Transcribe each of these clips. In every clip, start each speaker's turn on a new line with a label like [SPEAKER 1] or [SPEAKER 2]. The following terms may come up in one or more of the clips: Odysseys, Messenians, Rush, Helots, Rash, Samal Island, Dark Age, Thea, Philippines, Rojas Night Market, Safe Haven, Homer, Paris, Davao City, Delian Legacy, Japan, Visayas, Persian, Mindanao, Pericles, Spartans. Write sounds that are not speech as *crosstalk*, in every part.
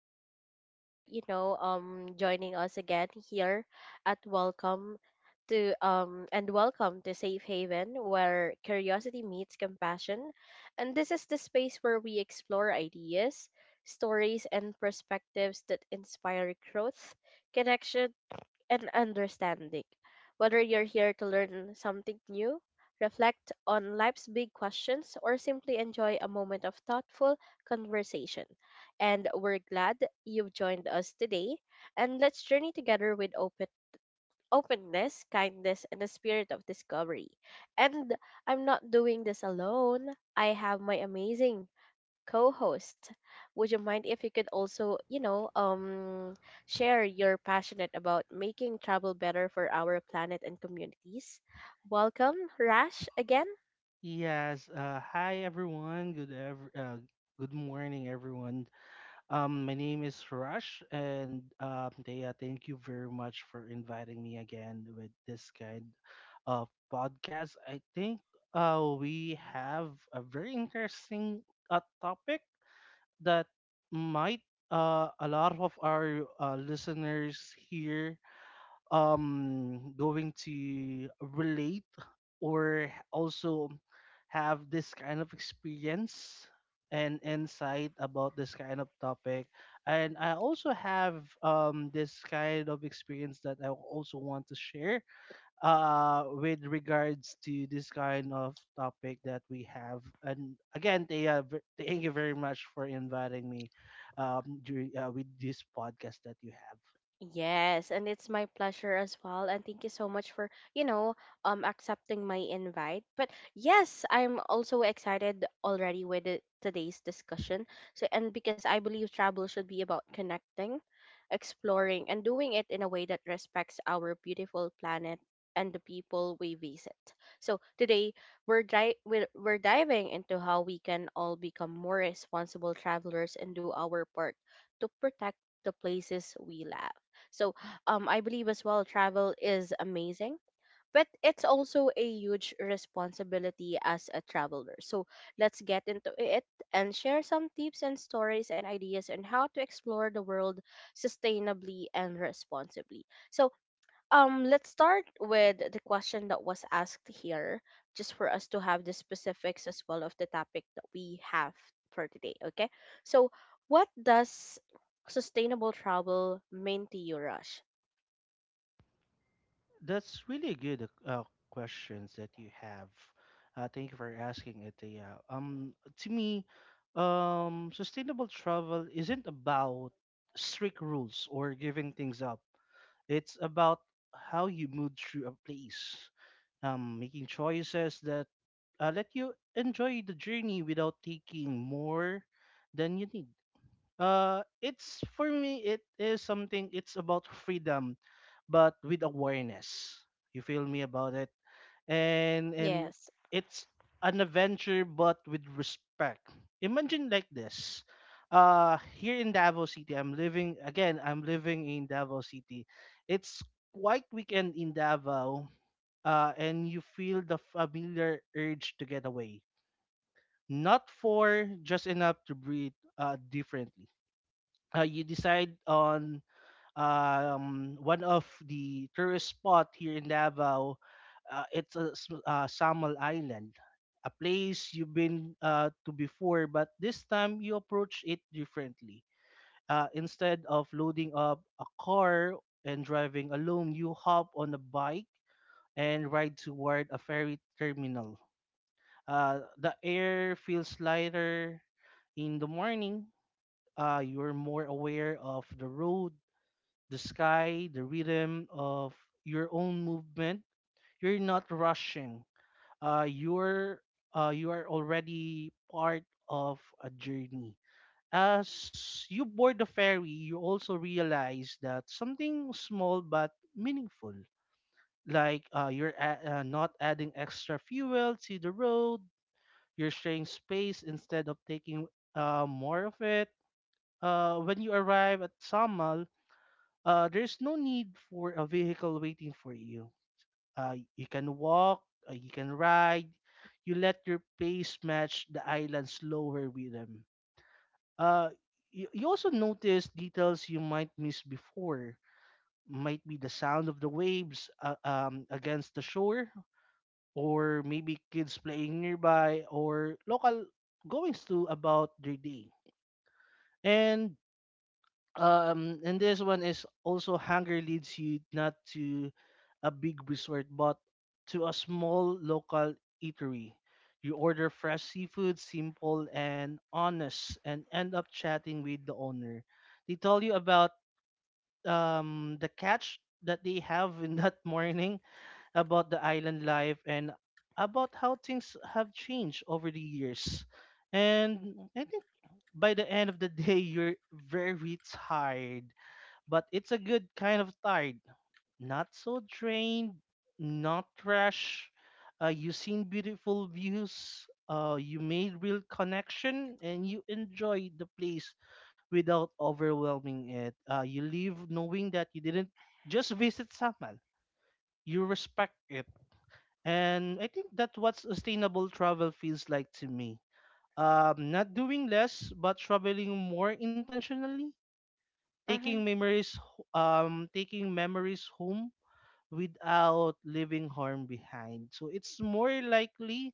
[SPEAKER 1] so much for joining us again here at Welcome to and welcome to Safe Haven where curiosity meets compassion. And this is the space where we explore ideas, stories and perspectives that inspire growth, connection and understanding. Whether you're here to learn something new, reflect on life's big questions, or simply enjoy a moment of thoughtful conversation. And we're glad you've joined us today. And let's journey together with openness, kindness, and a spirit of discovery. And I'm not doing this alone. I have my amazing co-host. Would you mind if you could also share your passionate about making travel better for our planet and communities? Welcome, Rash, again.
[SPEAKER 2] Yes. Hi, everyone. Good morning, everyone. My name is Rush, and Thea, thank you very much for inviting me again with this kind of podcast. I think we have a very interesting topic that might, a lot of our listeners here going to relate or also have this kind of experience and insight about this kind of topic, and I also have this kind of experience that I also want to share with regards to this kind of topic that we have. And again, they thank you very much for inviting me during with this podcast that you have.
[SPEAKER 1] Yes, and it's my pleasure as well. And thank you so much for, you know, accepting my invite. But yes, I'm also excited already with today's discussion. So and because I believe travel should be about connecting exploring, and doing it in a way that respects our beautiful planet and the people we visit. So today we're diving into how we can all become more responsible travelers and do our part to protect the places we love. So I believe as well travel is amazing but it's also a huge responsibility as a traveler. So let's get into it and share some tips and stories and ideas on how to explore the world sustainably and responsibly. So let's start with the question that was asked here just for us to have the specifics as well of the topic that we have for today, okay? So what does sustainable travel mean to you, Rush?
[SPEAKER 2] That's really good questions that you have. Thank you for asking it. Yeah. To me, sustainable travel isn't about strict rules or giving things up. It's about how you move through a place, making choices that let you enjoy the journey without taking more than you need. It's for me. It is something. It's about freedom but with awareness. You feel me about it? And
[SPEAKER 1] Yes.
[SPEAKER 2] it's an adventure but with respect. Imagine like this. Uh, here in Davao City, I'm living in Davao City. It's quite weekend in Davao, and you feel the familiar urge to get away. Not for just enough to breathe differently. You decide on one of the tourist spot here in Davao. Uh, it's a, Samal Island, a place you've been to before, but this time you approach it differently. Instead of loading up a car and driving alone, you hop on a bike and ride toward a ferry terminal. The air feels lighter in the morning. You're more aware of the road, the sky, the rhythm of your own movement. You're not rushing. Uh, you're you are already part of a journey. As you board the ferry, you also realize that something small but meaningful, not adding extra fuel to the road, you're sharing space instead of taking more of it. When you arrive at Samal, there's no need for a vehicle waiting for you. You can walk, you can ride, you let your pace match the island's slower rhythm. Uh, you also notice details you might miss before. Might be the sound of the waves against the shore, or maybe kids playing nearby, or local goings to about their day. And and this one is also hunger leads you not to a big resort, but to a small local eatery. You order fresh seafood, simple and honest, and end up chatting with the owner. They tell you about the catch that they have in that *laughs* morning, about the island life, and about how things have changed over the years. And I think by the end of the day, you're very tired, but it's a good kind of tired, not so drained, not trash. You seen beautiful views, you made real connection, and you enjoy the place without overwhelming it. You leave knowing that you didn't just visit Samal, you respect it. And I think that's what sustainable travel feels like to me. Not doing less, but traveling more intentionally, taking memories home without leaving harm behind. So it's more likely,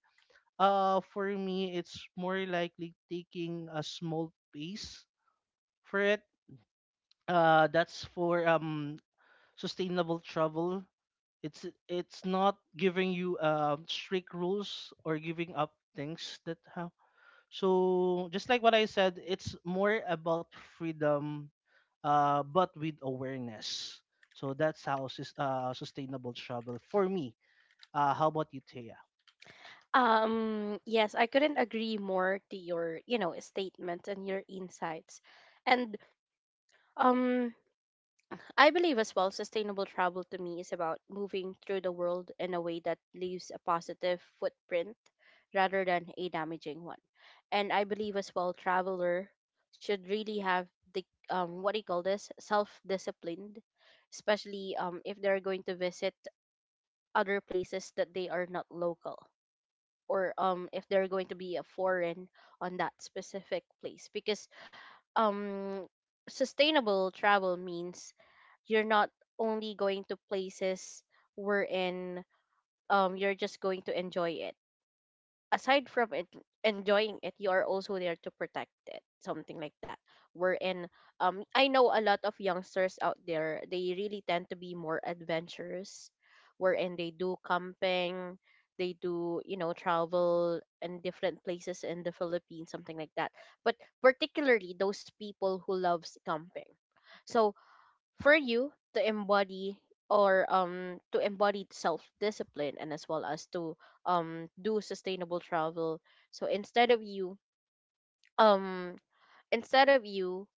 [SPEAKER 2] for me it's more likely, taking a small piece for it. That's for sustainable travel. It's not giving you strict rules or giving up things, that how. So just like what I said, it's more about freedom, but with awareness. So that's how sustainable travel for me. How about you, Thea?
[SPEAKER 1] Yes, I couldn't agree more to your statement and your insights. And um, I believe as well, sustainable travel to me is about moving through the world in a way that leaves a positive footprint rather than a damaging one. And I believe as well, traveler should really have the what do you call this? Self-disciplined, especially if they're going to visit other places that they are not local or if they're going to be a foreign on that specific place because um sustainable travel means you're not only going to places wherein you're just going to enjoy it aside from it, enjoying it, you are also there to protect it, something like that. Wherein, I know a lot of youngsters out there, they really tend to be more adventurous, wherein they do camping, they do travel in different places in the Philippines, something like that. But particularly those people who loves camping. So for you to embody or to embody self discipline and as well as to do sustainable travel, so instead of you um instead of you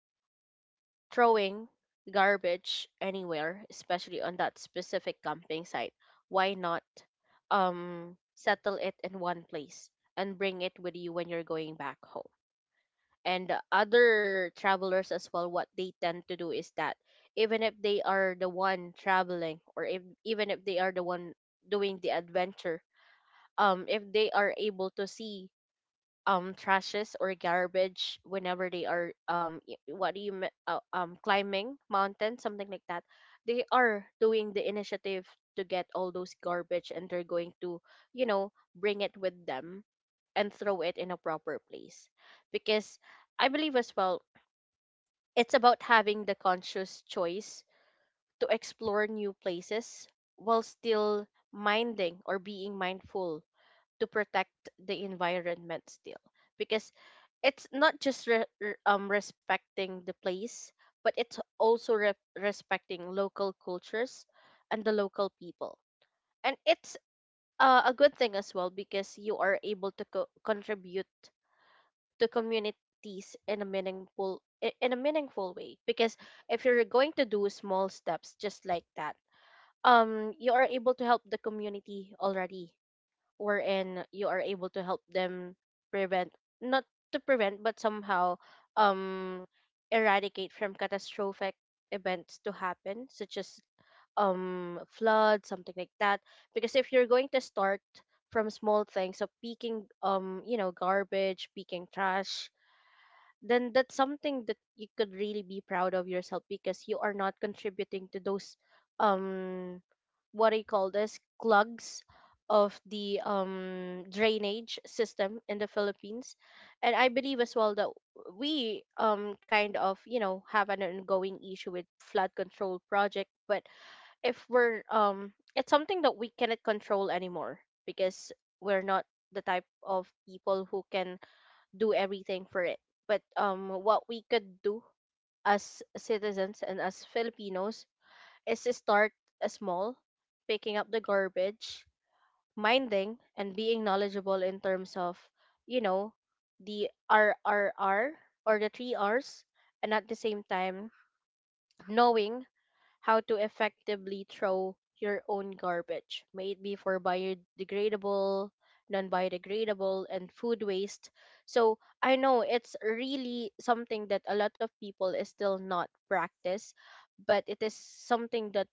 [SPEAKER 1] throwing garbage anywhere, especially on that specific camping site, why not settle it in one place and bring it with you when you're going back home. And other travelers as well, what they tend to do is that even if they are the one traveling, or if even if they are the one doing the adventure, if they are able to see trashes or garbage whenever they are y- what do you me- climbing mountain, something like that, they are doing the initiative to get all those garbage and they're going to bring it with them and throw it in a proper place, because I believe as well, it's about having the conscious choice to explore new places while still minding or being mindful to protect the environment still, because it's not just respecting the place, but it's also respecting local cultures and the local people. And it's a good thing as well because you are able to contribute to communities in a in a meaningful way, because if you're going to do small steps just like that, you are able to help the community already, wherein you are able to help them prevent, not to prevent but somehow um eradicate from catastrophic events to happen, such as flood, something like that. Because if you're going to start from small things, so picking garbage, picking trash, then that's something that you could really be proud of yourself, because you are not contributing to those um what I call this clogs of the drainage system in the Philippines. And I believe as well that we kind of have an ongoing issue with flood control project, but if we're it's something that we cannot control anymore, because we're not the type of people who can do everything for it. But what we could do as citizens and as Filipinos is to start small, picking up the garbage, minding, and being knowledgeable in terms of, you know, the RRR, or the three R's, and at the same time knowing how to effectively throw your own garbage, may it be for biodegradable, non biodegradable, and food waste. So I know it's really something that a lot of people is still not practice, but it is something that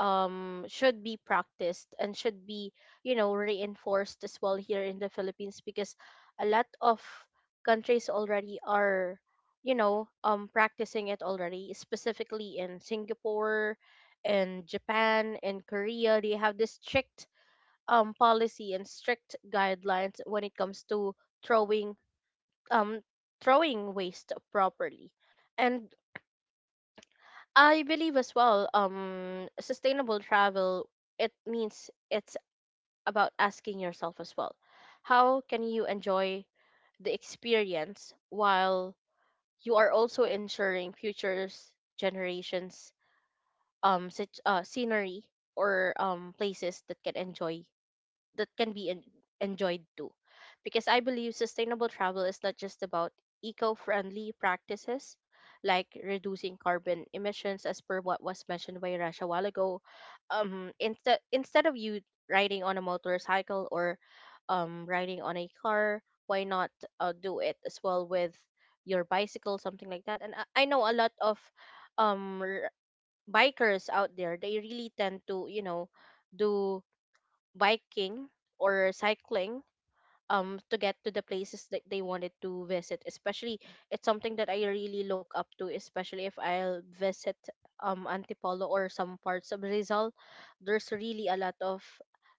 [SPEAKER 1] should be practiced and should be reinforced as well here in the Philippines, because a lot of countries already are practicing it already, specifically in Singapore and Japan and Korea. They have this strict policy and strict guidelines when it comes to throwing um waste properly. And I believe as well, sustainable travel, it means it's about asking yourself as well, how can you enjoy the experience while you are also ensuring future's generations such scenery or places that can be enjoyed too. Because I believe sustainable travel is not just about eco friendly practices like reducing carbon emissions, as per what was mentioned by Rash a while ago. Instead of you riding on a motorcycle or riding on a car, why not do it as well with your bicycle, something like that? And I know a lot of um, r- bikers out there. They really tend to do biking or cycling to get to the places that they wanted to visit. Especially, it's something that I really look up to, especially if I'll visit Antipolo or some parts of Rizal. There's really a lot of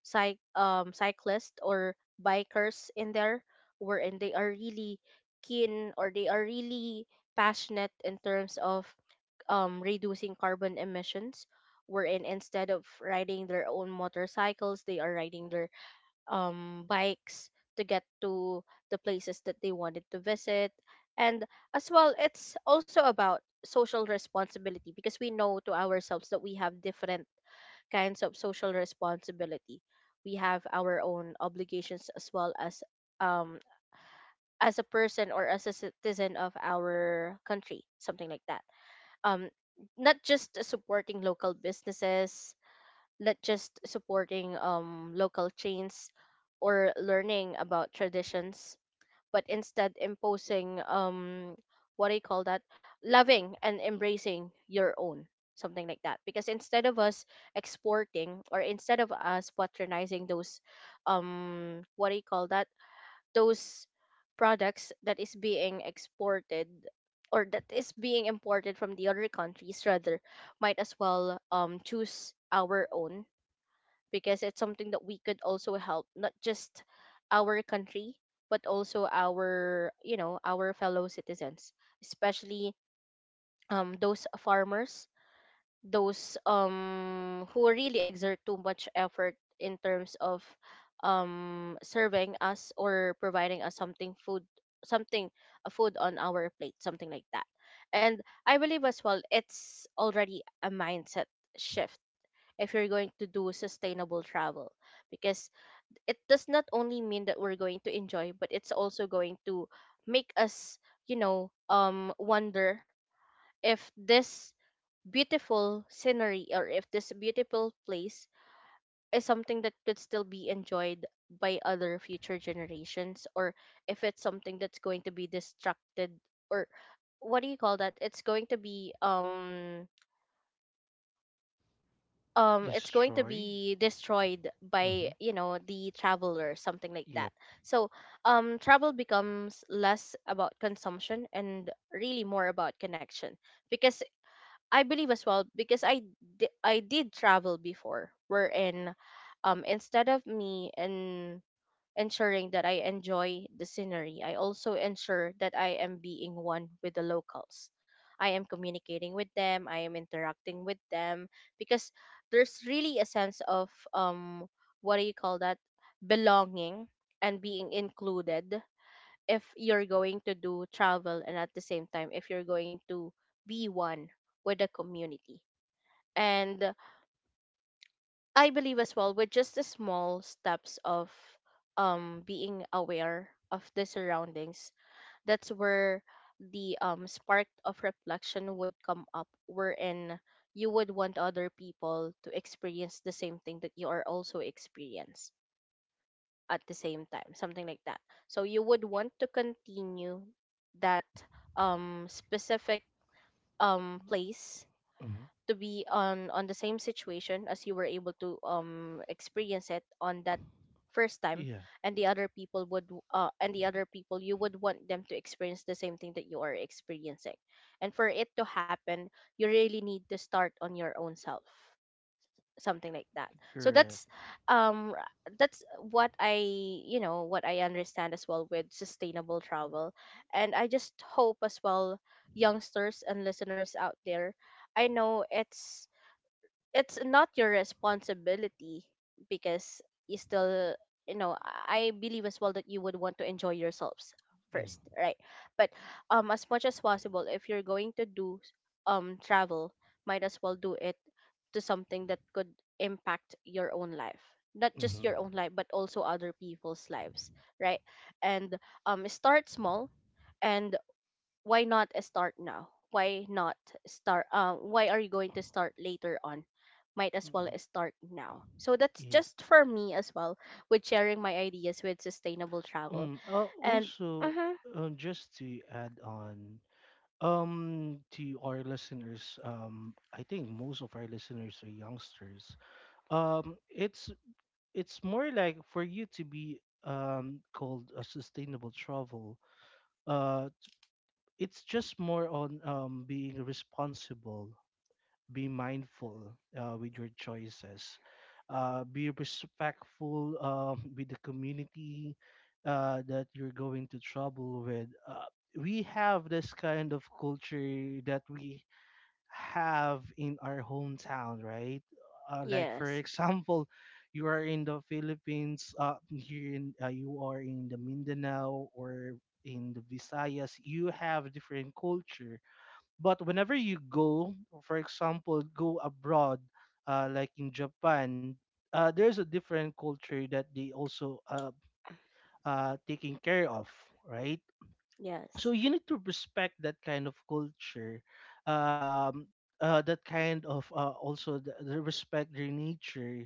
[SPEAKER 1] cyclists or bikers in there, wherein they are really keen or they are really passionate in terms of reducing carbon emissions, wherein instead of riding their own motorcycles, they are riding their bikes to get to the places that they wanted to visit. And as well, it's also about social responsibility, because we know to ourselves that we have different kinds of social responsibility. We have our own obligations as well um as a person or as a citizen of our country, something like that. Um Not just supporting local businesses, not just supporting local chains or learning about traditions, but instead imposing, what do you call that? Loving and embracing your own, something like that. Because instead of us exporting, or instead of us patronizing those, what do you call that? Those products that is being exported or that is being imported from the other countries, rather might as well choose our own, because it's something that we could also help, not just our country but also our you know our fellow citizens, especially those farmers, those who really exert too much effort in terms of serving us or providing us something food, something, a food on our plate, something like that. And I believe as well, it's already a mindset shift if you're going to do sustainable travel, because it does not only mean that we're going to enjoy, but it's also going to make us wonder if this beautiful scenery, or if this beautiful place is something that could still be enjoyed by other future generations, or if it's something that's going to be destructed, or what do you call that, it's going to
[SPEAKER 2] Destroyed.
[SPEAKER 1] be destroyed by
[SPEAKER 2] Mm-hmm.
[SPEAKER 1] the traveler, something like that.
[SPEAKER 2] Yep.
[SPEAKER 1] So travel becomes less about consumption and really more about connection, because I believe as well, because I did travel before, wherein instead of me and ensuring that I enjoy the scenery, I also ensure that I am being one with the locals. I am communicating with them, I am interacting with them, because there's really a sense of what do you call that? Belonging and being included, if you're going to do travel and at the same time if you're going to be one with the community. And I believe as well with just the small steps of being aware of the surroundings, that's where the spark of reflection would come up, wherein you would want other people to experience the same thing that you are also experience at the same time, something like that. So you would want to continue that specific place
[SPEAKER 2] Mm-hmm.
[SPEAKER 1] to be on the same situation as you were able to experience it on that first time,
[SPEAKER 2] Yeah.
[SPEAKER 1] and the other people would and the other people you would want them to experience the same thing that you are experiencing. And for it to happen, you really need to start on your own self, something like that. So
[SPEAKER 2] Correct.
[SPEAKER 1] that's um r- that's what I understand as well with sustainable travel. And I just hope as well, youngsters and listeners out there, I know it's not your responsibility because you still, you know, I believe as well that you would want to enjoy yourselves
[SPEAKER 2] Yeah.
[SPEAKER 1] first, right? But as much as possible, if you're going to do travel, might as well do it to something that could impact your own life, not just
[SPEAKER 2] Mm-hmm.
[SPEAKER 1] your own life but also other people's lives, right? And start small. And why not start now? Why not start? Why are you going to start later on? Might as well
[SPEAKER 2] Mm-hmm.
[SPEAKER 1] start now. So that's
[SPEAKER 2] Yep.
[SPEAKER 1] just for me as well with sharing my ideas with sustainable travel. And
[SPEAKER 2] Also,
[SPEAKER 1] mhm,
[SPEAKER 2] just to add on, to our listeners, I think most of our listeners are youngsters. Um, it's it's more like for you to be called a sustainable travel, uh, it's just more on being responsible, be mindful with your choices, be respectful *laughs* with the community that you're going to trouble with. We have this kind of culture that we have in our hometown, right? Like for
[SPEAKER 1] yes,
[SPEAKER 2] example, *laughs* you are in the Philippines, here in you are in the Mindanao or in the Visayas, you have different culture. But whenever you go, for example, go abroad, like in Japan, there's a different culture that they also taking care of, right? So
[SPEAKER 1] yes,
[SPEAKER 2] you need to respect that kind of culture, um that kind of also the respect their nature,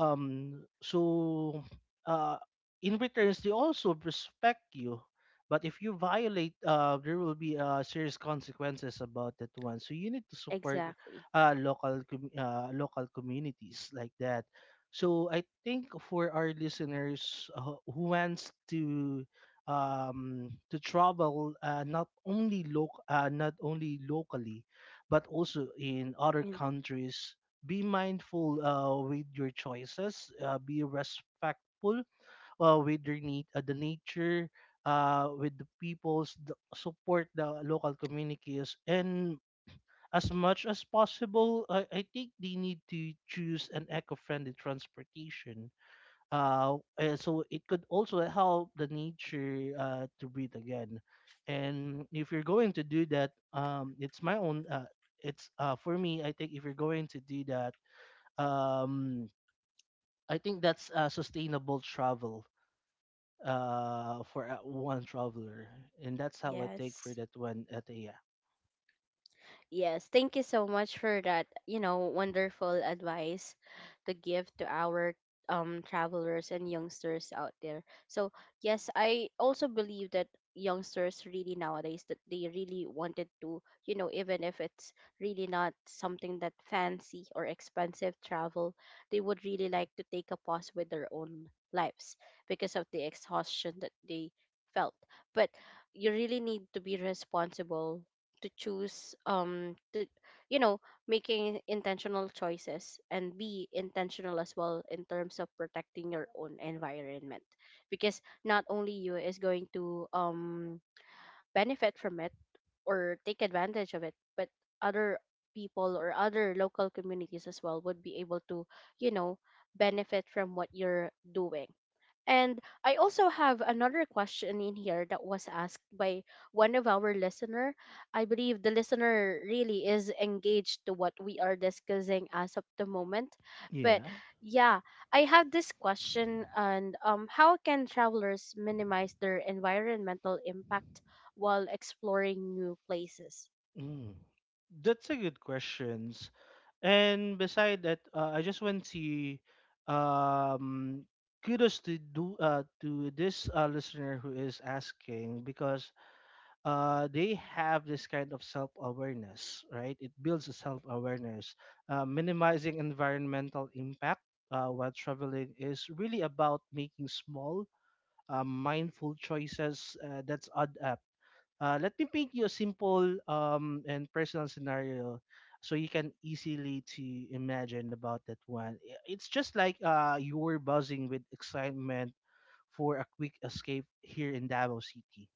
[SPEAKER 2] um, so, uh, in returns, they also respect you. But if you violate, there will be serious consequences about that one. So you need to support
[SPEAKER 1] exactly.
[SPEAKER 2] local communities like that. So I think for our listeners who wants to travel, not only locally, but also in other
[SPEAKER 1] And
[SPEAKER 2] countries, be mindful with your choices, be respectful with your need, the nature, with the peoples, support the local communities, and as much as possible I think they need to choose an eco-friendly transportation, and so it could also help the nature to breathe again. And if you're going to do that, it's my own, it's for me I think if you're going to do that, um I think that's sustainable travel for one traveler, and that's how I take for
[SPEAKER 1] yes,
[SPEAKER 2] that one at. Yeah.
[SPEAKER 1] Yes, thank you so much for that, you know, wonderful advice to give to our travelers and youngsters out there. So, yes, I also believe that youngsters really nowadays, that they really wanted to, you know, even if it's really not something that fancy or expensive travel, they would really like to take a pause with their own lives because of the exhaustion that they felt. But you really need to be responsible to choose to, you know, making intentional choices and be intentional as well in terms of protecting your own environment, because not only you is going to benefit from it or take advantage of it, but other people or other local communities as well would be able to, you know, benefit from what you're doing. And I also have another question in here that was asked by one of our listener. I believe the listener really is engaged to what we are discussing as of the moment. But
[SPEAKER 2] Yeah.
[SPEAKER 1] yeah, I have this question, and how can travelers minimize their environmental impact while exploring new places?
[SPEAKER 2] Mm. That's a good questions. And beside that, I just want to um kudos to do to this listener who is asking because they have this kind of self awareness, right? It builds a self awareness. Minimizing environmental impact while traveling is really about making small, mindful choices that's add up. Let me paint you a simple and personal scenario so you can easily to imagine about that one. It's just like, you were buzzing with excitement for a quick escape here in Davao City.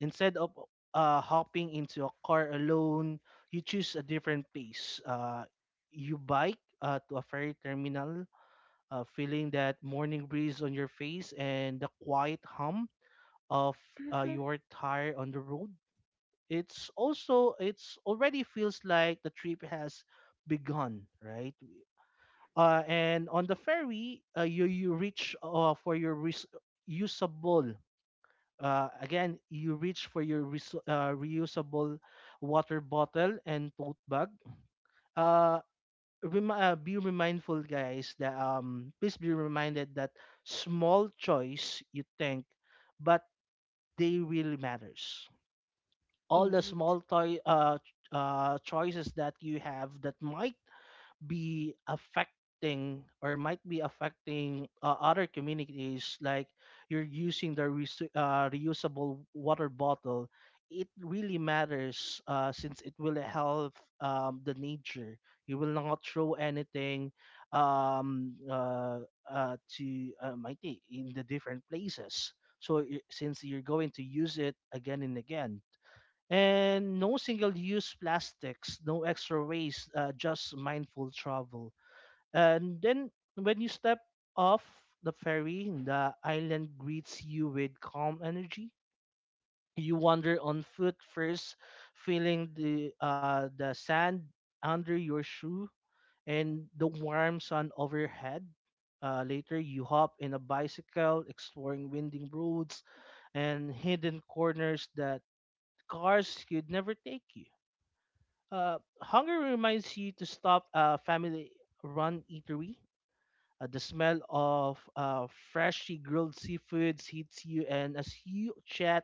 [SPEAKER 2] Instead of hopping into a car alone, you choose a different pace. You bike to a ferry terminal, feeling that morning breeze on your face and the quiet hum of
[SPEAKER 1] Mhm.
[SPEAKER 2] your tire on the road. It's already feels like the trip has begun, right? And on the ferry, uh, you reach for your res- usable again, you reach for your resu- reusable water bottle and tote bag. Uh, be mindful, guys. That please be reminded that small choice you think, but they really matters. All the
[SPEAKER 1] Indeed.
[SPEAKER 2] small choices that you have that might be affecting or might be affecting other communities, like you're using the reusable water bottle, it really matters since it will help the nature. You will not throw anything um, uh, to might be in the different places, since you're going to use it again and again, and no single-use plastics, no extra waste, just mindful travel. And then when you step off the ferry, the island greets you with calm energy. You wander on foot first, feeling the sand under your shoe and the warm sun overhead. Later, you hop in a bicycle, exploring winding roads and hidden corners that cars could never take you. uh, Hunger reminds you to stop a family-run eatery. The smell of freshly grilled seafoods hits you, and as you chat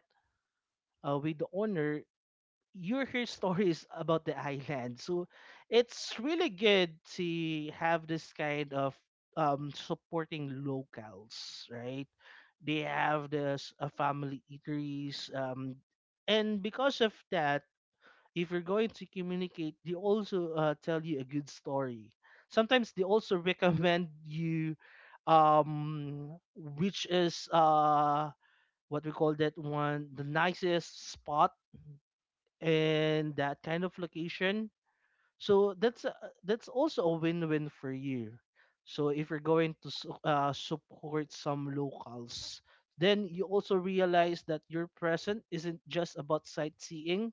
[SPEAKER 2] with the owner, you hear *laughs* stories about the island. So it's really good to have this kind of supporting locals, right? They have this family eateries, and because of that, if you're going to communicate, they also tell you a good story. Sometimes they also *laughs* recommend you, which is what we call that one, the nicest spot and that kind of location. So that's also a win-win for you. So if you're going to support some locals, then you also realize that your present isn't just about sightseeing,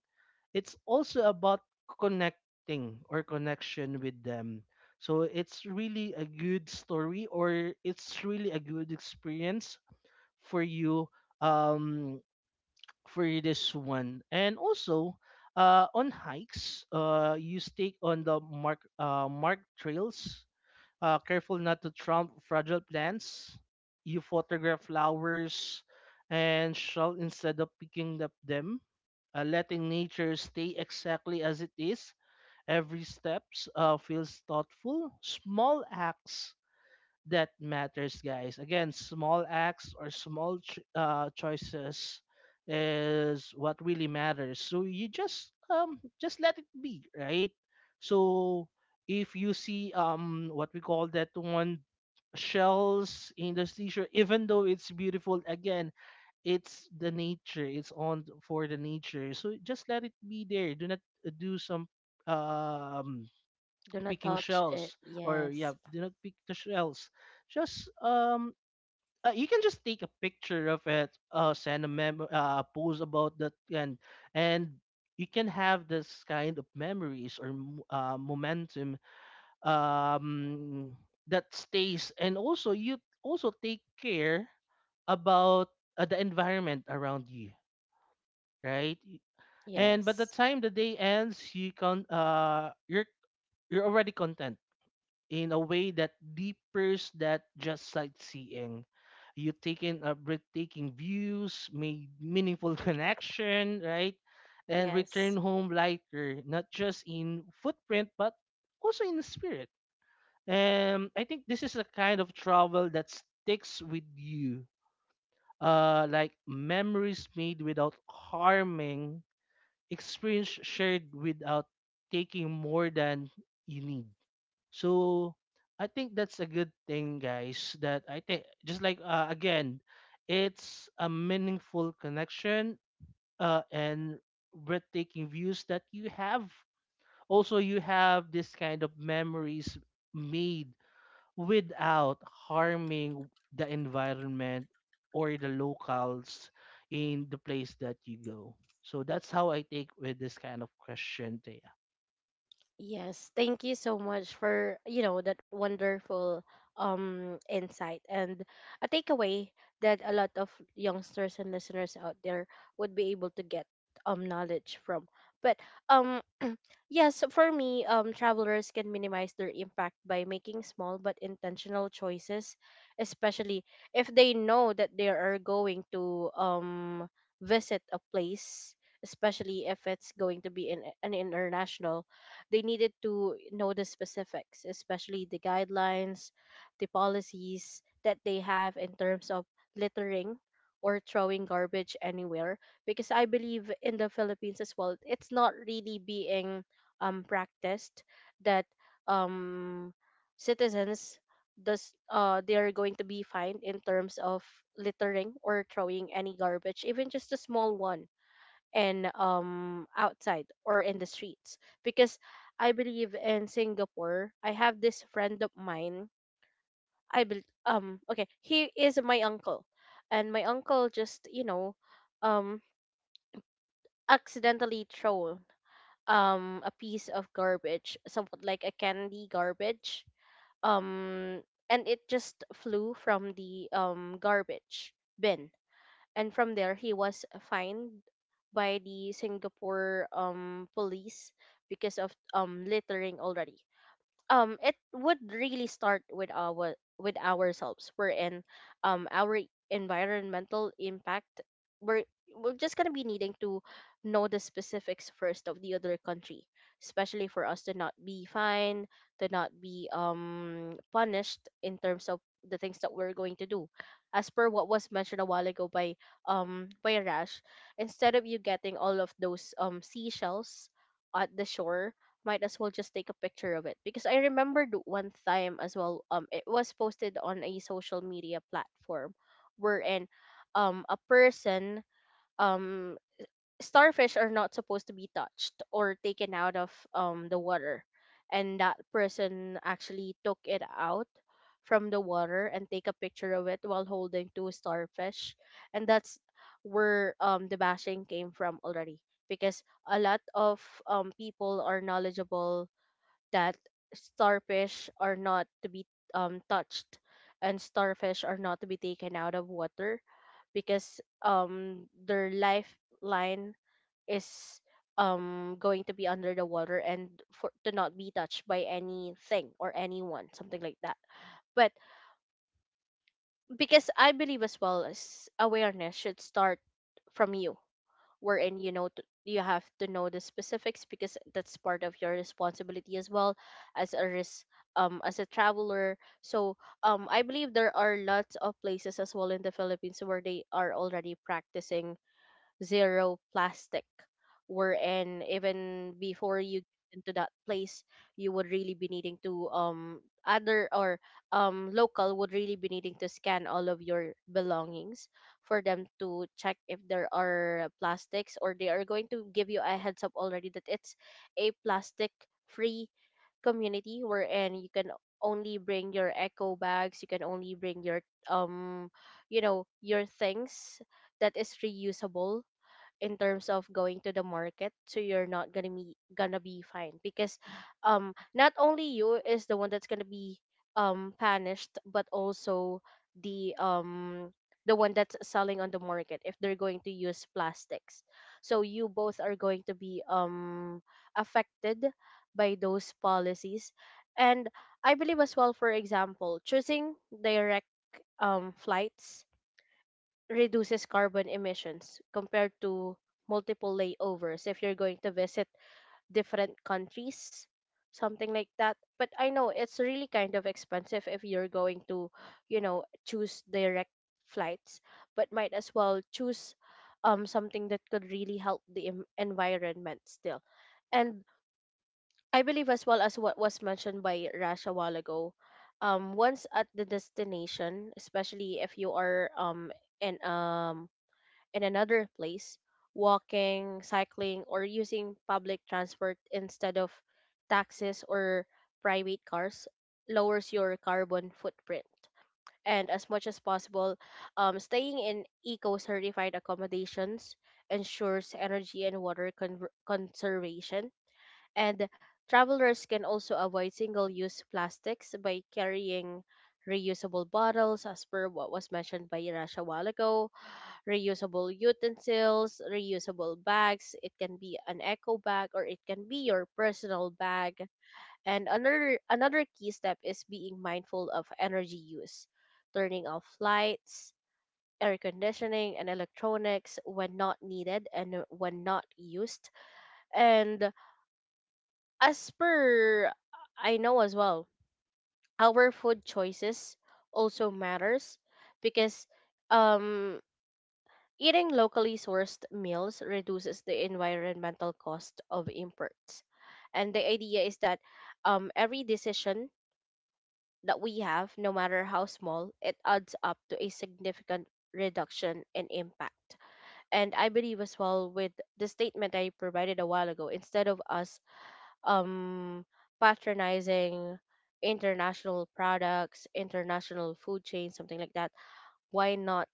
[SPEAKER 2] it's also about connecting or connection with them. So it's really a good story or it's really a good experience for you um for this one. And also on hikes, uh, you stay on the marked trails, careful not to trump fragile plants. You photograph flowers and shall instead of picking up them, letting nature stay exactly as it is. Every steps feels thoughtful. Small acts that matters, guys. Again, small acts or small choices is what really matters. So you just let it be, right? So if you see what we call that one, shells in the seashore, even though it's beautiful, again, it's the nature. It's on for the nature. So just let it be there. Do not do some um
[SPEAKER 1] Do not
[SPEAKER 2] picking
[SPEAKER 1] touch it.
[SPEAKER 2] shells or yeah,
[SPEAKER 1] Yes.
[SPEAKER 2] do not pick the shells. Just You can just take a picture of it, send a mem post about that, and you can have this kind of memories or momentum um that stays, and also you also take care about the environment around you, right? And by the
[SPEAKER 1] Yes.
[SPEAKER 2] time the day ends, you can you're already content in a way that deepers that just sightseeing. You take in a breathtaking views, made meaningful *laughs* connection, right? And return
[SPEAKER 1] Yes.
[SPEAKER 2] home lighter, not just in footprint, but also in spirit. I think this is a kind of travel that sticks with you. Like memories made without harming, experience shared without taking more than you need. So I think that's a good thing, guys. That I think just like again, it's a meaningful connection and breathtaking views that you have. Also, you have this kind of memories made without harming the environment or the locals in the place that you go. So that's how I take with this kind of question.
[SPEAKER 1] Yes, thank you so much for, you know, that wonderful insight and a takeaway that a lot of youngsters and listeners out there would be able to get knowledge from. But um *clears throat* yes, for me, travelers can minimize their impact by making small but intentional choices, especially if they know that they are going to visit a place, especially if it's going to be in an international, they needed to know the specifics, especially the guidelines, the policies that they have in terms of littering or throwing garbage anywhere. Because I believe in the Philippines as well, it's not really being practiced that um citizens does they are going to be fined in terms of littering or throwing any garbage, even just a small one, and outside or in the streets. Because I believe in Singapore, I have this friend of mine. I bel Okay, he is my uncle, and my uncle just, you know, um accidentally thrown a piece of garbage, somewhat like a candy garbage, um and it just flew from the garbage bin, and from there he was fined by the Singapore police because of littering already. It would really start with ourselves, we're in our environmental impact, we're we're just going to be needing to know the specifics first of the other country, especially for us to not be fined, to not be punished in terms of the things that we're going to do. As per what was mentioned a while ago by Rash, instead of you getting all of those seashells at the shore, might as well just take a picture of it. Because I remember one time as well, it was posted on a social media platform wherein a person, um starfish are not supposed to be touched or taken out of the water, and that person actually took it out from the water and take a picture of it while holding two starfish. And that's where the bashing came from already, because a lot of people are knowledgeable that starfish are not to be touched, and starfish are not to be taken out of water, because their lifeline is going to be under the water and for to not be touched by anything or anyone, something like that. But because I believe as well, as awareness should start from you, wherein, you know, you have to know the specifics because that's part of your responsibility as well, as a risk, as a traveler. So I believe there are lots of places as well in the Philippines where they are already practicing zero plastic, wherein even before you get into that place, you would really be needing to other or local would really be needing to scan all of your belongings for them to check if there are plastics, or they are going to give you a heads up already that it's a plastic free community, wherein you can only bring your eco bags, you can only bring your um you know your things that is reusable in terms of going to the market, so you're not gonna be fine. Because not only you is the one that's gonna be punished, but also the um the one that's selling on the market if they're going to use plastics. So you both are going to be affected by those policies. And I believe as well, for example, choosing direct flights reduces carbon emissions compared to multiple layovers if you're going to visit different countries, something like that. But I know it's really kind of expensive if you're going to, you know, choose direct flights. But might as well choose something that could really help the environment still. And I believe as well, as what was mentioned by Rash a while ago, once at the destination, especially if you are in um in another place, walking, cycling, or using public transport instead of taxis or private cars lowers your carbon footprint. And as much as possible, staying in eco certified accommodations ensures energy and water conservation. And travelers can also avoid single use plastics by carrying reusable bottles, as per what was mentioned by Rash a while ago, reusable utensils, reusable bags. It can be an eco bag or it can be your personal bag. And another key step is being mindful of energy use, turning off lights, air conditioning, and electronics when not needed and when not used. And as per I know as well, our food choices also matters, because um eating locally sourced meals reduces the environmental cost of imports. And the idea is that every decision that we have, no matter how small, it adds up to a significant reduction in impact. And I believe as well with the statement I provided a while ago, instead of us um, patronizing international products, international food chains, something like that, why not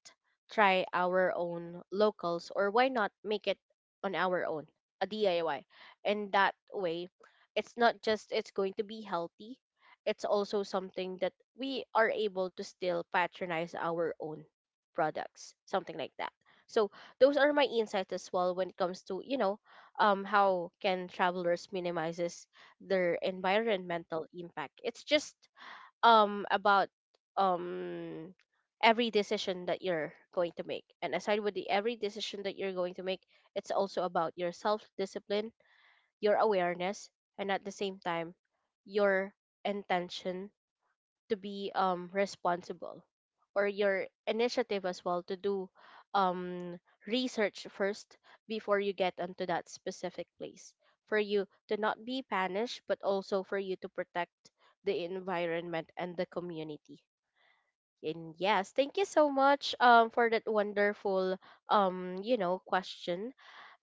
[SPEAKER 1] try our own locals, or why not make it on our own, a DIY? And that way, it's not just it's going to be healthy, it's also something that we are able to still patronize our own products, something like that. So those are my insights as well when it comes to, you know, how can travelers minimizes their environmental impact. It's just about um every decision that you're going to make. And aside with the every decision that you're going to make, it's also about your self discipline, your awareness, and at the same time your intention to be responsible, or your initiative as well to do um research first before you get onto that specific place, for you to not be punished but also for you to protect the environment and the community. And yes, thank you so much for that wonderful you know, question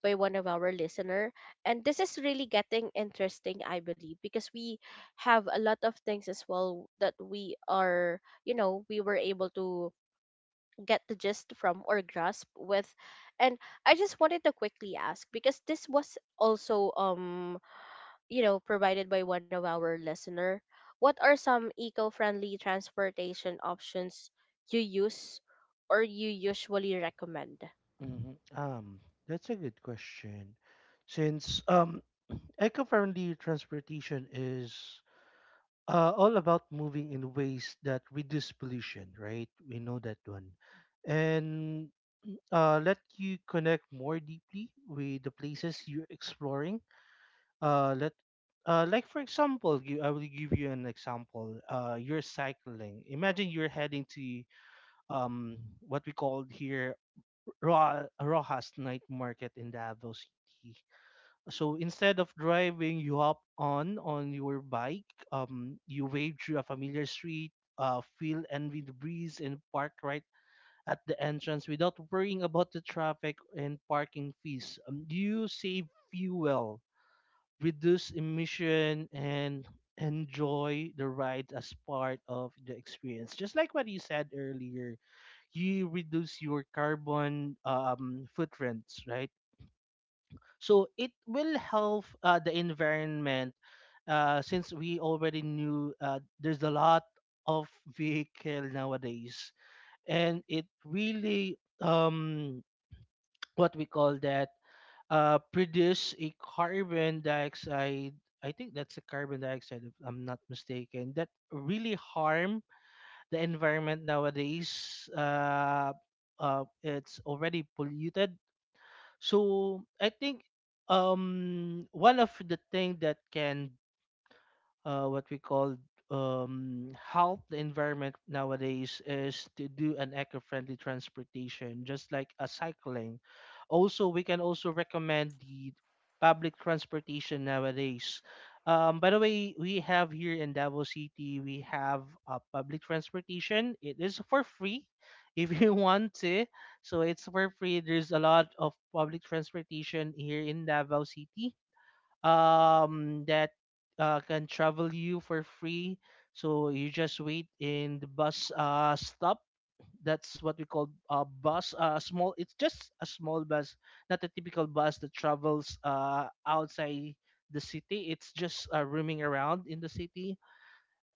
[SPEAKER 1] by one of our listener. And this is really getting interesting, I believe, because we have a lot of things as well that we are, you know, we were able to get the gist from or grasp with. And I just wanted to quickly ask, because this was also you know, provided by one of our listener, what are some eco-friendly transportation options you use or you usually recommend?
[SPEAKER 2] hmm Um, that's a good question. Since eco-friendly transportation is all about moving in ways that reduce pollution, right? We know that one, and let you connect more deeply with the places you're exploring. Let Like, for example, you, I will give you an example. You're cycling. Imagine you're heading to um what we call here, Rojas Night Market in Davao City. So instead of driving, you hop on your bike. You wade through a familiar street, feel envy the breeze, and park right at the entrance without worrying about the traffic and parking fees. You save fuel, reduce emission, and enjoy the ride as part of the experience. Just like what you said earlier, you reduce your carbon footprints, right? So it will help the environment, since we already knew there's a lot of vehicle nowadays, and it really what we call that, produce a carbon dioxide. I think that's a carbon dioxide, if I'm not mistaken, that really harm the environment nowadays. It's already polluted, so I think one of the thing that can what we call, help the environment nowadays is to do an eco-friendly transportation, just like a cycling. Also, we can also recommend the public transportation nowadays. By the way, we have here in Davao City, we have public transportation. It is for free *laughs* if you want to. So it's for free. There's a lot of public transportation here in Davao City that can travel you for free. So you just wait in the bus stop. That's what we call a bus. Small. It's just a small bus, not a typical bus that travels outside the city. It's just roaming around in the city.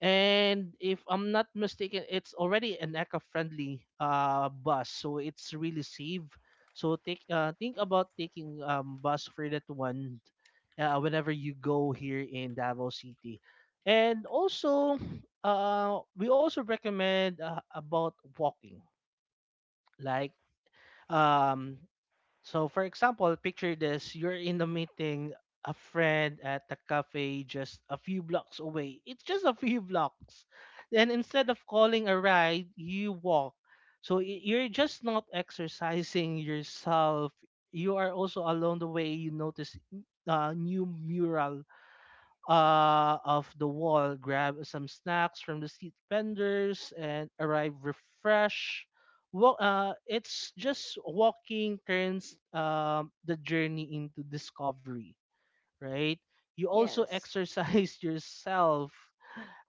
[SPEAKER 2] And if I'm not mistaken, it's already an eco-friendly bus, so it's really safe. So take think about taking bus for that one whenever you go here in Davao City. And also *sniffs* we also recommend about walking. Like um so, for example, picture this, you're in the meeting a friend at the cafe just a few blocks away. It's just a few blocks. Then instead of calling a ride, you walk. So you're just not exercising yourself. You are also, along the way, you notice a new mural of the wall, grab some snacks from the street vendors, and arrive refreshed. Well, it's just walking turns the journey into discovery, right? You also
[SPEAKER 1] Yes.
[SPEAKER 2] exercise *laughs* yourself.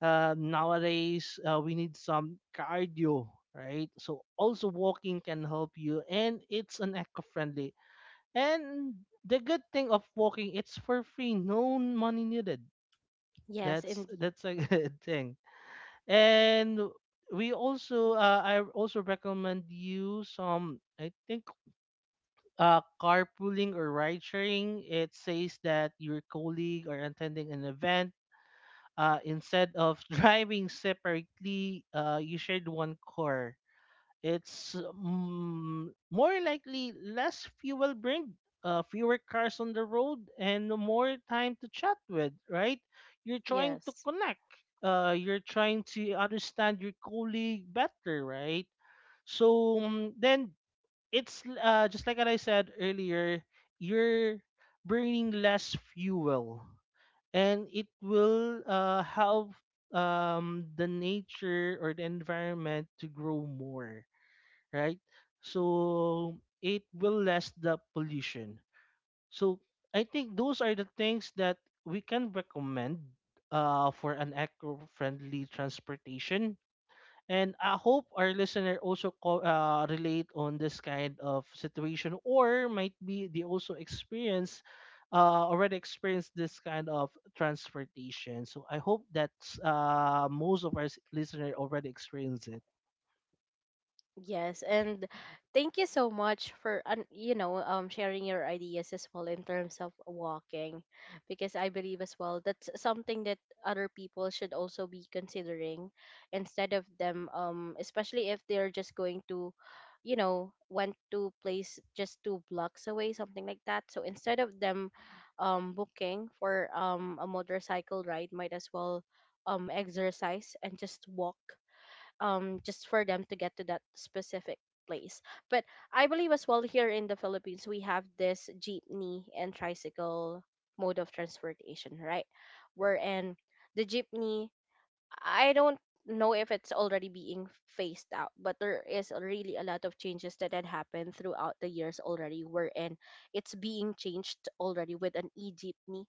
[SPEAKER 2] Nowadays, we need some cardio, right? So also walking can help you, and it's an eco-friendly. And the good thing of walking, it's for free, no money needed.
[SPEAKER 1] Yes,
[SPEAKER 2] that's
[SPEAKER 1] indeed.
[SPEAKER 2] that's a *laughs* good thing. And we also I also recommend you some, I think, carpooling or ride sharing. It says that your colleague are attending an event. Instead of *laughs* driving separately, you shared one car. It's more likely less fuel burned, fewer cars on the road, and more time to chat with, right? You're trying to
[SPEAKER 1] Yes.
[SPEAKER 2] connect. You're trying to understand your colleague better, right? So then it's just like what I said earlier, you're burning less fuel, and it will help the nature or the environment to grow more, right? So it will less the pollution. So I think those are the things that we can recommend for an eco-friendly transportation. And I hope our listener also relate on this kind of situation, or might be they also experience already experienced this kind of transportation. So I hope that most of our listener already experienced it.
[SPEAKER 1] Yes, and thank you so much for you know, sharing your ideas as well in terms of walking, because I believe as well that's something that other people should also be considering, instead of them, especially if they're just going to, you know, went to place just two blocks away, something like that. So instead of them booking for a motorcycle ride, might as well exercise and just walk, just for them to get to that specific place. But I believe as well, here in the Philippines, we have this jeepney and tricycle mode of transportation, right? Wherein the jeepney, I don't know if it's already being phased out, but there is really a lot of changes that had happened throughout the years already, wherein it's being changed already with an e-jeepney,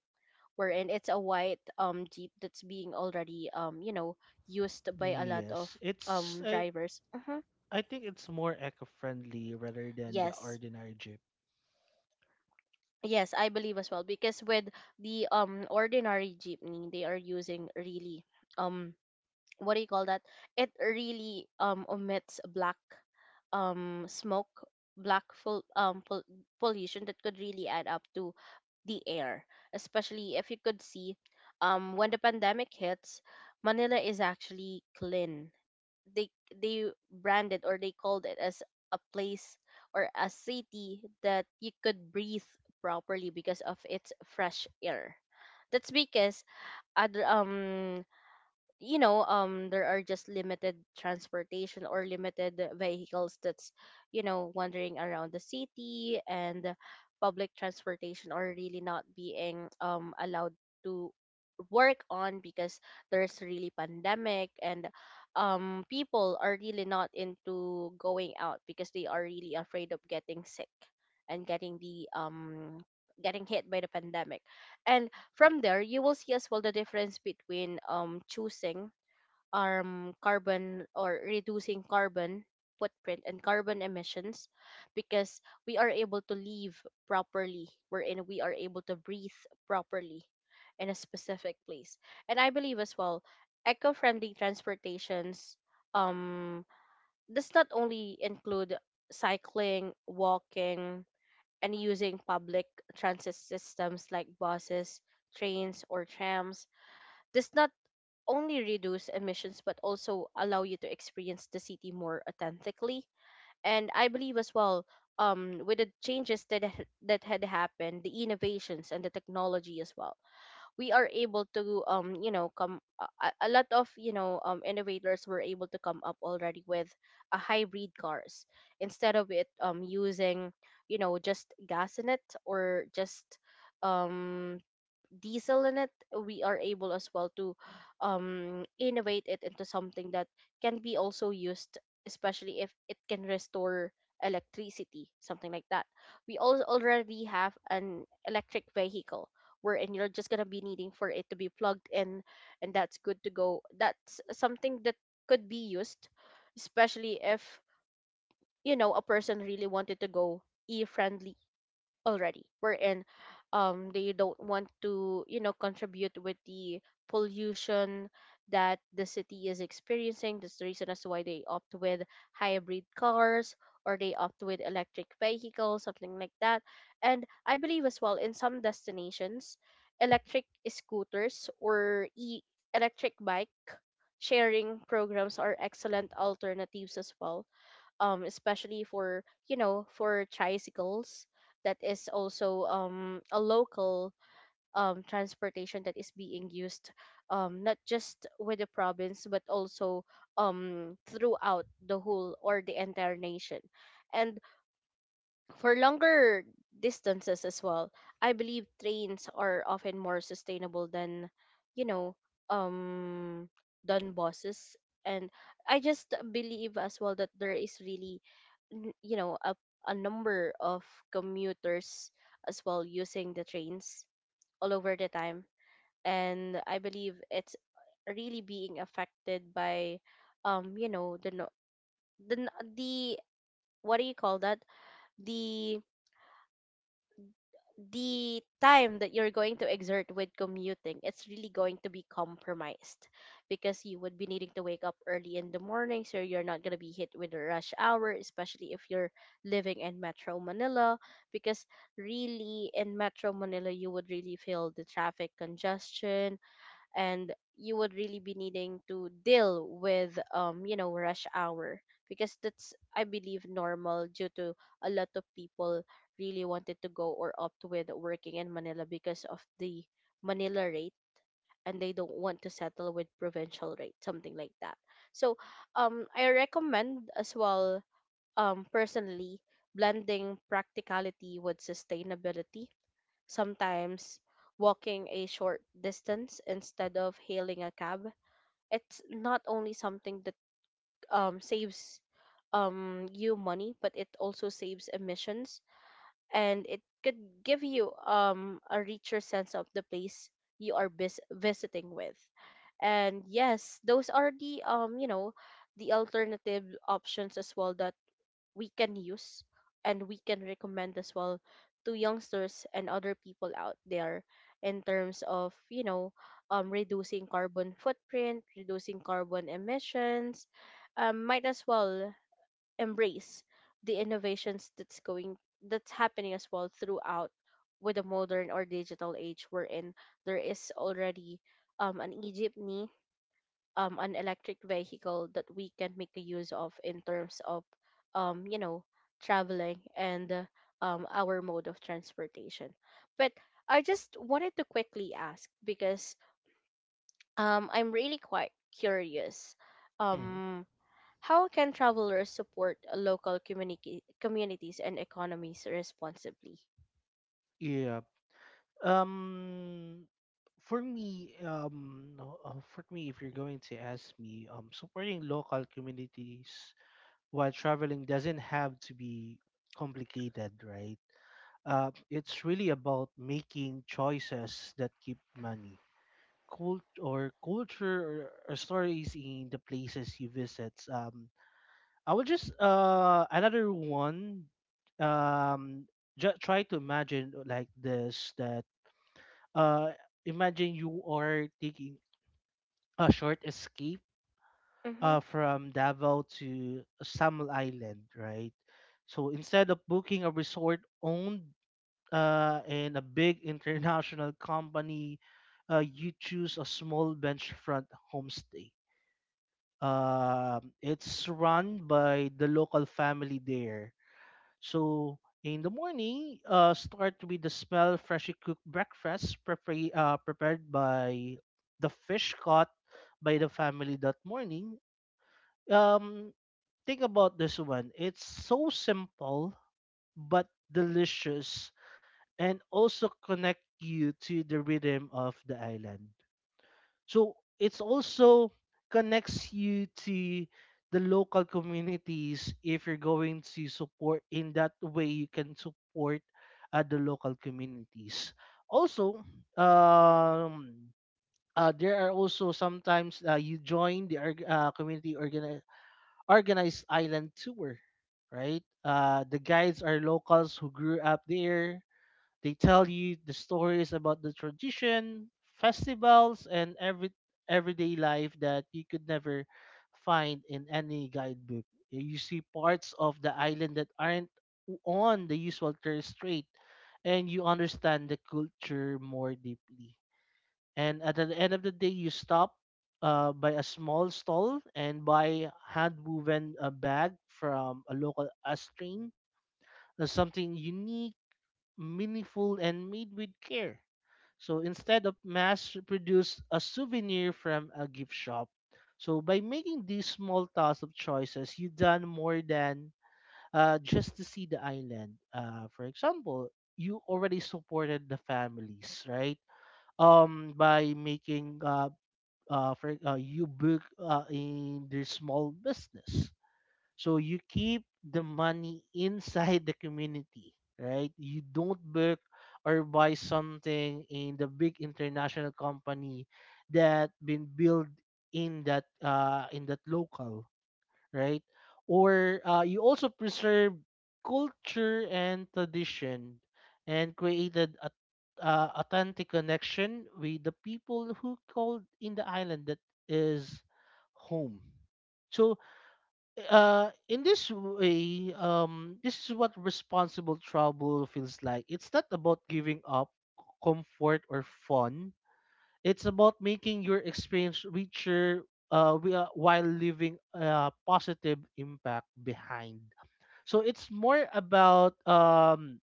[SPEAKER 1] wherein it's a white jeep that's being already, you know, used by a lot of
[SPEAKER 2] Yes, it's
[SPEAKER 1] drivers. Hmm.
[SPEAKER 2] I think it's more eco-friendly rather than the
[SPEAKER 1] Yes.
[SPEAKER 2] ordinary jeep.
[SPEAKER 1] Yes, I believe as well, because with the ordinary jeepney, they are using really, um what do you call that? It really omits black smoke, black pollution that could really add up to the air. Especially if you could see, when the pandemic hits, Manila is actually clean. They they branded, or they called it as a place or a city that you could breathe properly because of its fresh air. That's because other you know, there are just limited transportation or limited vehicles that's, you know, wandering around the city, and public transportation are really not being allowed to work on because there's really pandemic. And people are really not into going out because they are really afraid of getting sick and getting the getting hit by the pandemic. And from there, you will see as well the difference between choosing carbon, or reducing carbon footprint and carbon emissions, because we are able to live properly, wherein we are able to breathe properly in a specific place. And I believe as well, eco-friendly transportations um does not only include cycling, walking, and using public transit systems like buses, trains, or trams, does not only reduce emissions but also allow you to experience the city more authentically. And I believe as well, with the changes that that had happened, the innovations and the technology as well, we are able to, you know, come a lot of, you know, innovators were able to come up already with a hybrid cars, instead of it using, you know, just gas in it, or just um diesel in it. We are able as well to innovate it into something that can be also used, especially if it can restore electricity, something like that. We also already have an electric vehicle, wherein you're just going to be needing for it to be plugged in, and that's good to go. That's something that could be used, especially if, you know, a person really wanted to go e-friendly already, wherein they don't want to, you know, contribute with the pollution that the city is experiencing. That's the reason as to why they opt with hybrid cars, or they opt with electric vehicles, something like that. And I believe as well, in some destinations, electric scooters or electric bike sharing programs are excellent alternatives as well, especially for, you know, for tricycles, that is also a local transportation that is being used, not just with the province, but also throughout the whole or the entire nation. And for longer distances as well, I believe trains are often more sustainable than, you know, um than buses. And I just believe as well that there is really, you know, a number of commuters as well using the trains all over the time. And I believe it's really being affected by, you know, the no- the n- the what do you call that? The the time that you're going to exert with commuting, it's really going to be compromised, because you would be needing to wake up early in the morning, so you're not going to be hit with the rush hour, especially if you're living in Metro Manila. Because really, in Metro Manila, you would really feel the traffic congestion, and you would really be needing to deal with, you know, rush hour, because that's, I believe, normal, due to a lot of people really wanted to go or opt with working in Manila because of the Manila rate, and they don't want to settle with provincial rate, something like that. So I recommend as well, personally, blending practicality with sustainability. Sometimes walking a short distance instead of hailing a cab, it's not only something that, saves, you money, but it also saves emissions, and it could give you, a richer sense of the place you are visiting with. And yes, those are the, you know, the alternative options as well that we can use and we can recommend as well to youngsters and other people out there in terms of, you know, reducing carbon footprint, reducing carbon emissions. Um, might as well embrace the innovations that's going that's happening as well throughout, with the modern or digital age we're in. There is already, um, an egypt an electric vehicle that we can make a use of in terms of, you know, traveling and our mode of transportation. But I just wanted to quickly ask, because, I'm really quite curious,
[SPEAKER 2] Hmm.
[SPEAKER 1] um, how can travelers support local communities and economies responsibly?
[SPEAKER 2] Yeah. Um for me for me, if you're going to ask me, supporting local communities while traveling doesn't have to be complicated, right? It's really about making choices that keep money. Cult or culture, or stories in the places you visit. I will just another one. um just try to imagine like this, that uh imagine you are taking a short escape from Davao to Samal Island, right? So instead of booking a resort owned in a big international *laughs* company, you choose a small beachfront homestay. It's run by the local family there. So in the morning, start with the smell freshly cooked breakfast prepared by the fish caught by the family that morning. Um, think about this one. It's so simple but delicious and also connect you to the rhythm of the island. So it's also connects you to the local communities. If you're going to support in that way, you can support the local communities. Also, um, there are also sometimes you join the community organized island tour, right? The guides are locals who grew up there. They tell you the stories about the tradition, festivals, and everyday life that you could never find in any guidebook. You see parts of the island that aren't on the usual tourist straight, and you understand the culture more deeply. And at the end of the day, you stop by a small stall and buy hand woven a bag from a local Astrain. Something unique, meaningful, and made with care. So instead of mass produce a souvenir from a gift shop. So by making these small tasks of choices, you've done more than just to see the island. For example, you already supported the families, right? By making you book in their small business. So you keep the money inside the community, right? You don't work or buy something in the big international company that been built in that local, right? Or you also preserve culture and tradition and created a authentic connection with the people who called in the island that is home. So in this way, this is what responsible trouble feels like. It's not about giving up comfort or fun, it's about making your experience richer, while leaving a positive impact behind. So it's more about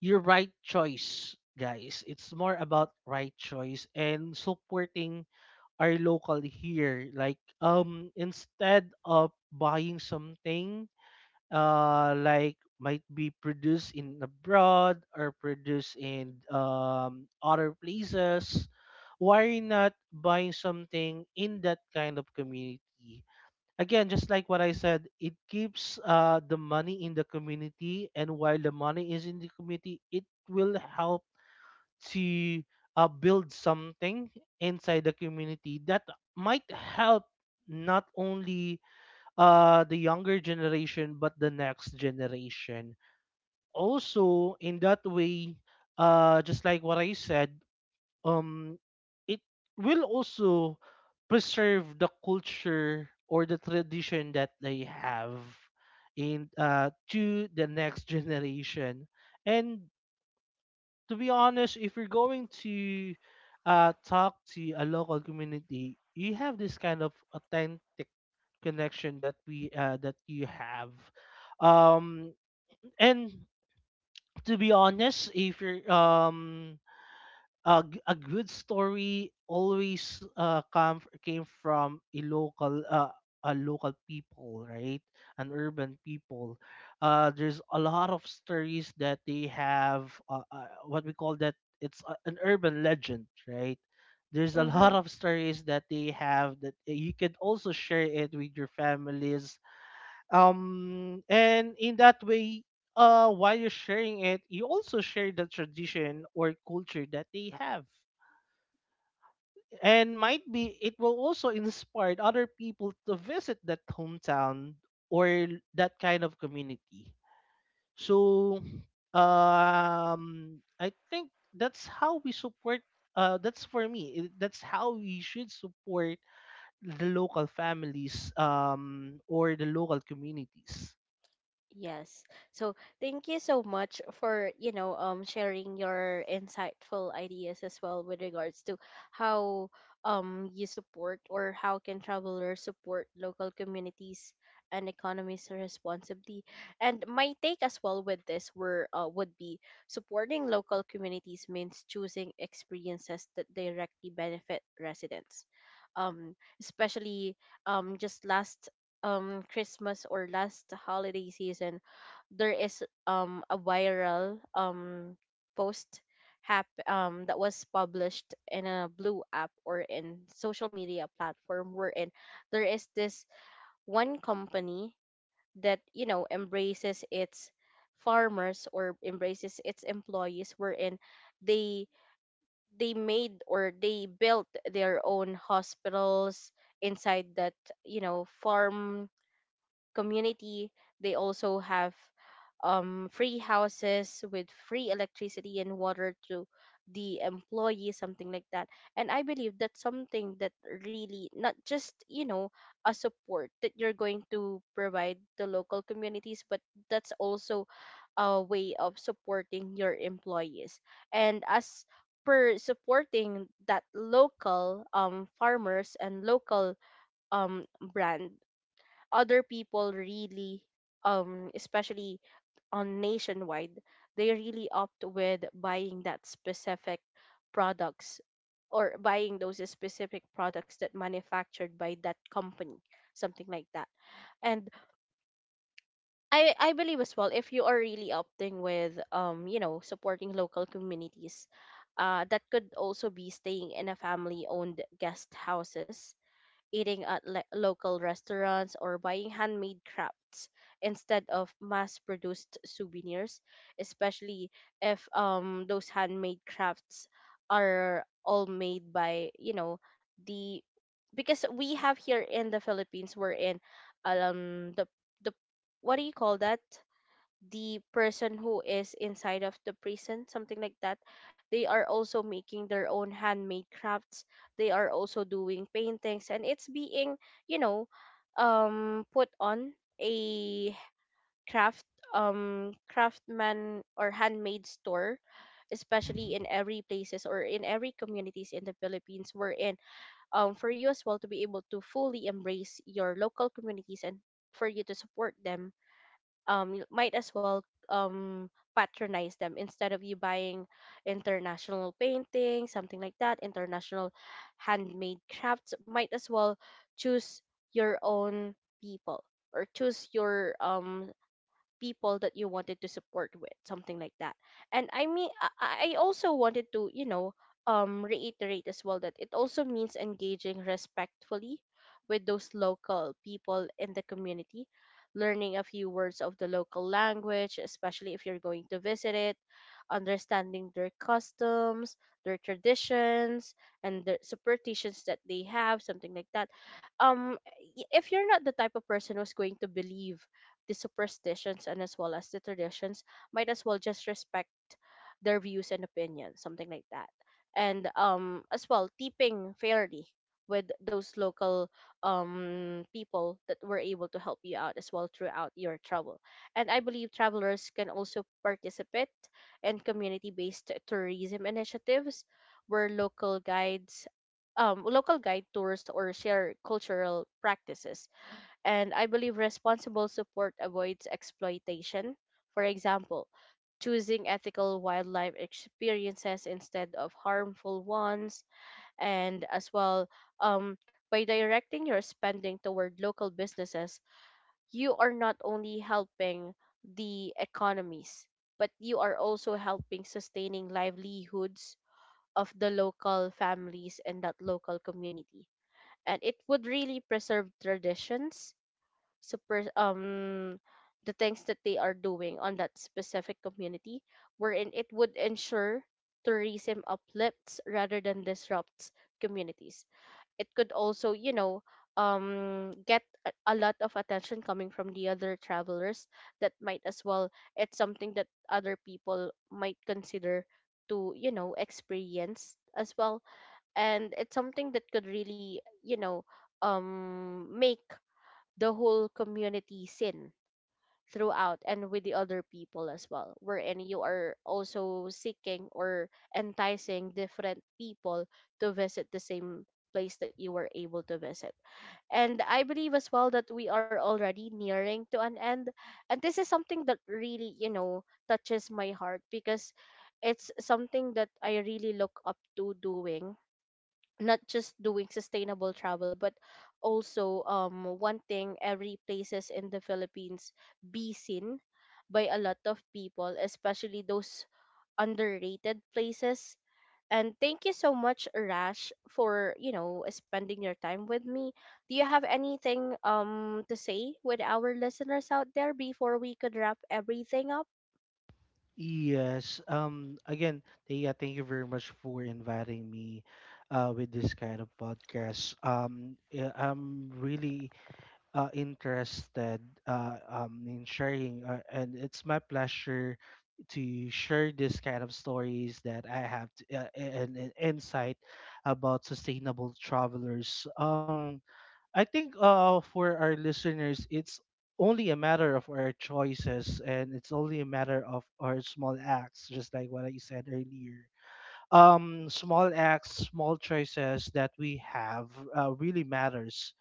[SPEAKER 2] your right choice, guys. It's more about right choice and supporting our local here, like, instead of buying something like might be produced in abroad or produced in other places, why not buying something in that kind of community? Again, just like what I said, it keeps the money in the community, and while the money is in the community, it will help to build something inside the community that might help not only the younger generation, but the next generation also. In that way, just like what I said, um it will also preserve the culture or the tradition that they have in to the next generation. And to be honest, if you're going to talk to a local community, you have this kind of authentic connection that we that you have. um and to be honest, if you're a, a good story always came from a local, a local people, right? An urban people, there's a lot of stories that they have, what we call that, it's a, an urban legend, right? There's a
[SPEAKER 1] Mm-hmm.
[SPEAKER 2] lot of stories that they have that you can also share it with your families, and in that way, while you're sharing it, you also share the tradition or culture that they have, and might be it will also inspire other people to visit that hometown or that kind of community. So I think that's how we support, that's for me, that's how we should support the local families or the local communities.
[SPEAKER 1] Yes. So thank you so much for, you know, um, sharing your insightful ideas as well with regards to how, you support, or how can travelers support local communities and economies responsibly. And my take as well with this were, would be, supporting local communities means choosing experiences that directly benefit residents. Especially, just last, Christmas, or last holiday season, there is, a viral, post that was published in a blue app or in social media platform, wherein there is this one company that, you know, embraces its farmers or embraces its employees, wherein they they made or they built their own hospitals inside that, you know, farm community. They also have, free houses with free electricity and water to the employees, something like that. And I believe that's something that really, not just, you know, a support that you're going to provide to local communities, but that's also a way of supporting your employees. And as per supporting that local, farmers and local, um brand, other people really, especially on nationwide, they really opt with buying that specific products, or buying those specific products that manufactured by that company, something like that. And I believe as well, if you are really opting with, um, you know, supporting local communities, uh, that could also be staying in a family owned guest houses, eating at local restaurants, or buying handmade crafts instead of mass-produced souvenirs. Especially if, those handmade crafts are all made by, you know, the, because we have here in the Philippines we're in, um the the what do you call that? The person who is inside of the prison, something like that. They are also making their own handmade crafts. They are also doing paintings, and it's being, you know, put on a craft, craftsman or handmade store, especially
[SPEAKER 2] Mm-hmm.
[SPEAKER 1] in every places or in every communities in the Philippines we're in. For you as well to be able to fully embrace your local communities, and for you to support them, you might as well patronize them, instead of you buying international painting, something like that, international handmade crafts. Might as well choose your own people, or choose your, people that you wanted to support with, something like that. And I mean, also wanted to, you know, reiterate as well that it also means engaging respectfully with those local people in the community, learning a few words of the local language, especially if you're going to visit it, understanding their customs, their traditions, and the superstitions that they have, something like that. um if you're not the type of person who's going to believe the superstitions, and as well as the traditions, might as well just respect their views and opinions, something like that. And as well, tipping fairly with those local, people that were able to help you out as well throughout your travel. And I believe travelers can also participate in community based tourism initiatives, where local guides, local guide tours or share cultural practices. And I believe responsible support avoids exploitation. For example, choosing ethical wildlife experiences instead of harmful ones. And as well, um, by directing your spending toward local businesses, you are not only helping the economies, but you are also helping sustaining livelihoods of the local families and that local community. And it would really preserve traditions, super the things that they are doing on that specific community, wherein it would ensure tourism uplifts rather than disrupts communities. It could also, you know, get a lot of attention coming from the other travelers, that might as well it's something that other people might consider to, you know, experience as well. And it's something that could really, you know, make the whole community sin throughout, and with the other people as well, wherein you are also seeking or enticing different people to visit the same place that you were able to visit. And I believe as well that we are already nearing to an end. And this is something that really, you know, touches my heart, because it's something that I really look up to doing, not just doing sustainable travel, but also, wanting every places in the Philippines be seen by a lot of people, especially those underrated places. And thank you so much, Rash, for, you know, spending your time with me. Do you have anything, to say with our listeners out there before we could wrap everything up?
[SPEAKER 2] Yes. Again, Thea, thank you very much for inviting me with this kind of podcast. Yeah, I'm really interested in sharing, and it's my pleasure to share this kind of stories that I have to, and insight about sustainable travelers. I think for our listeners, it's only a matter of our choices and it's only a matter of our small acts, just like what I said earlier. Small acts, small choices that we have really matters.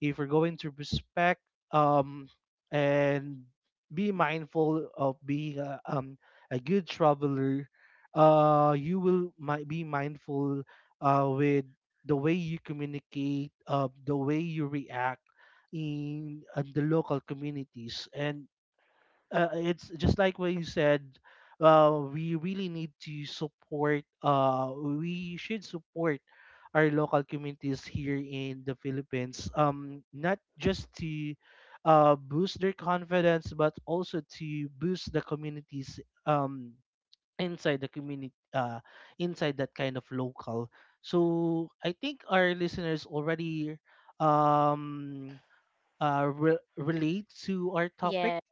[SPEAKER 2] If we're going to respect um, and be mindful of being a good traveler, you will might be mindful with the way you communicate, the way you react in the local communities. And it's just like what you said. We really need to support. We should support our local communities here in the Philippines. Not just to boost their confidence, but also to boost the communities. Um, inside the community, inside that kind of local. So I think our listeners already um relate to our topic.
[SPEAKER 1] Yeah,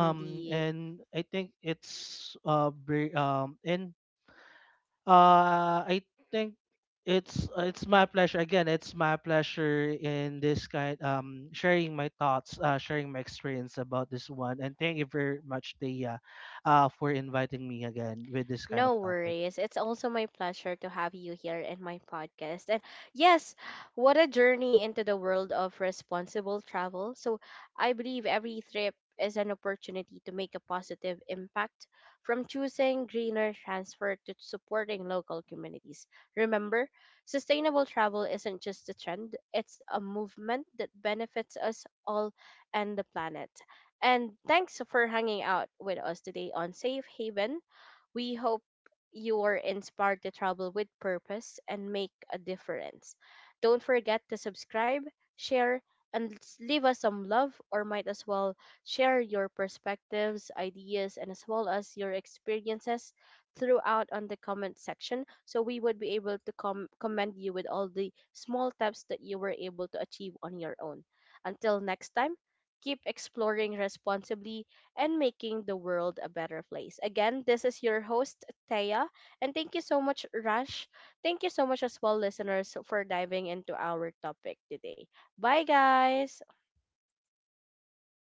[SPEAKER 2] And I think it's very, and I think it's my pleasure again. It's my pleasure in this kind sharing my thoughts, sharing my experience about this one. And thank you very much, Thea, for inviting me again with this kind of
[SPEAKER 1] No
[SPEAKER 2] topic.
[SPEAKER 1] worries. It's also my pleasure to have you here in my podcast. And yes, what a journey into the world of responsible travel. So I believe every trip is an opportunity to make a positive impact, from choosing greener transport to supporting local communities. Remember, sustainable travel isn't just a trend, it's a movement that benefits us all and the planet. And thanks for hanging out with us today on Safe Haven. We hope you are inspired to travel with purpose and make a difference. Don't forget to subscribe, share, and leave us some love, or might as well share your perspectives, ideas, and as well as your experiences throughout on the comment section, so we would be able to commend you with all the small steps that you were able to achieve on your own. Until next time, keep exploring responsibly and making the world a better place. Again, this is your host, Thea, and thank you so much, Rush. Thank you so much as well, listeners, for diving into our topic today. Bye, guys.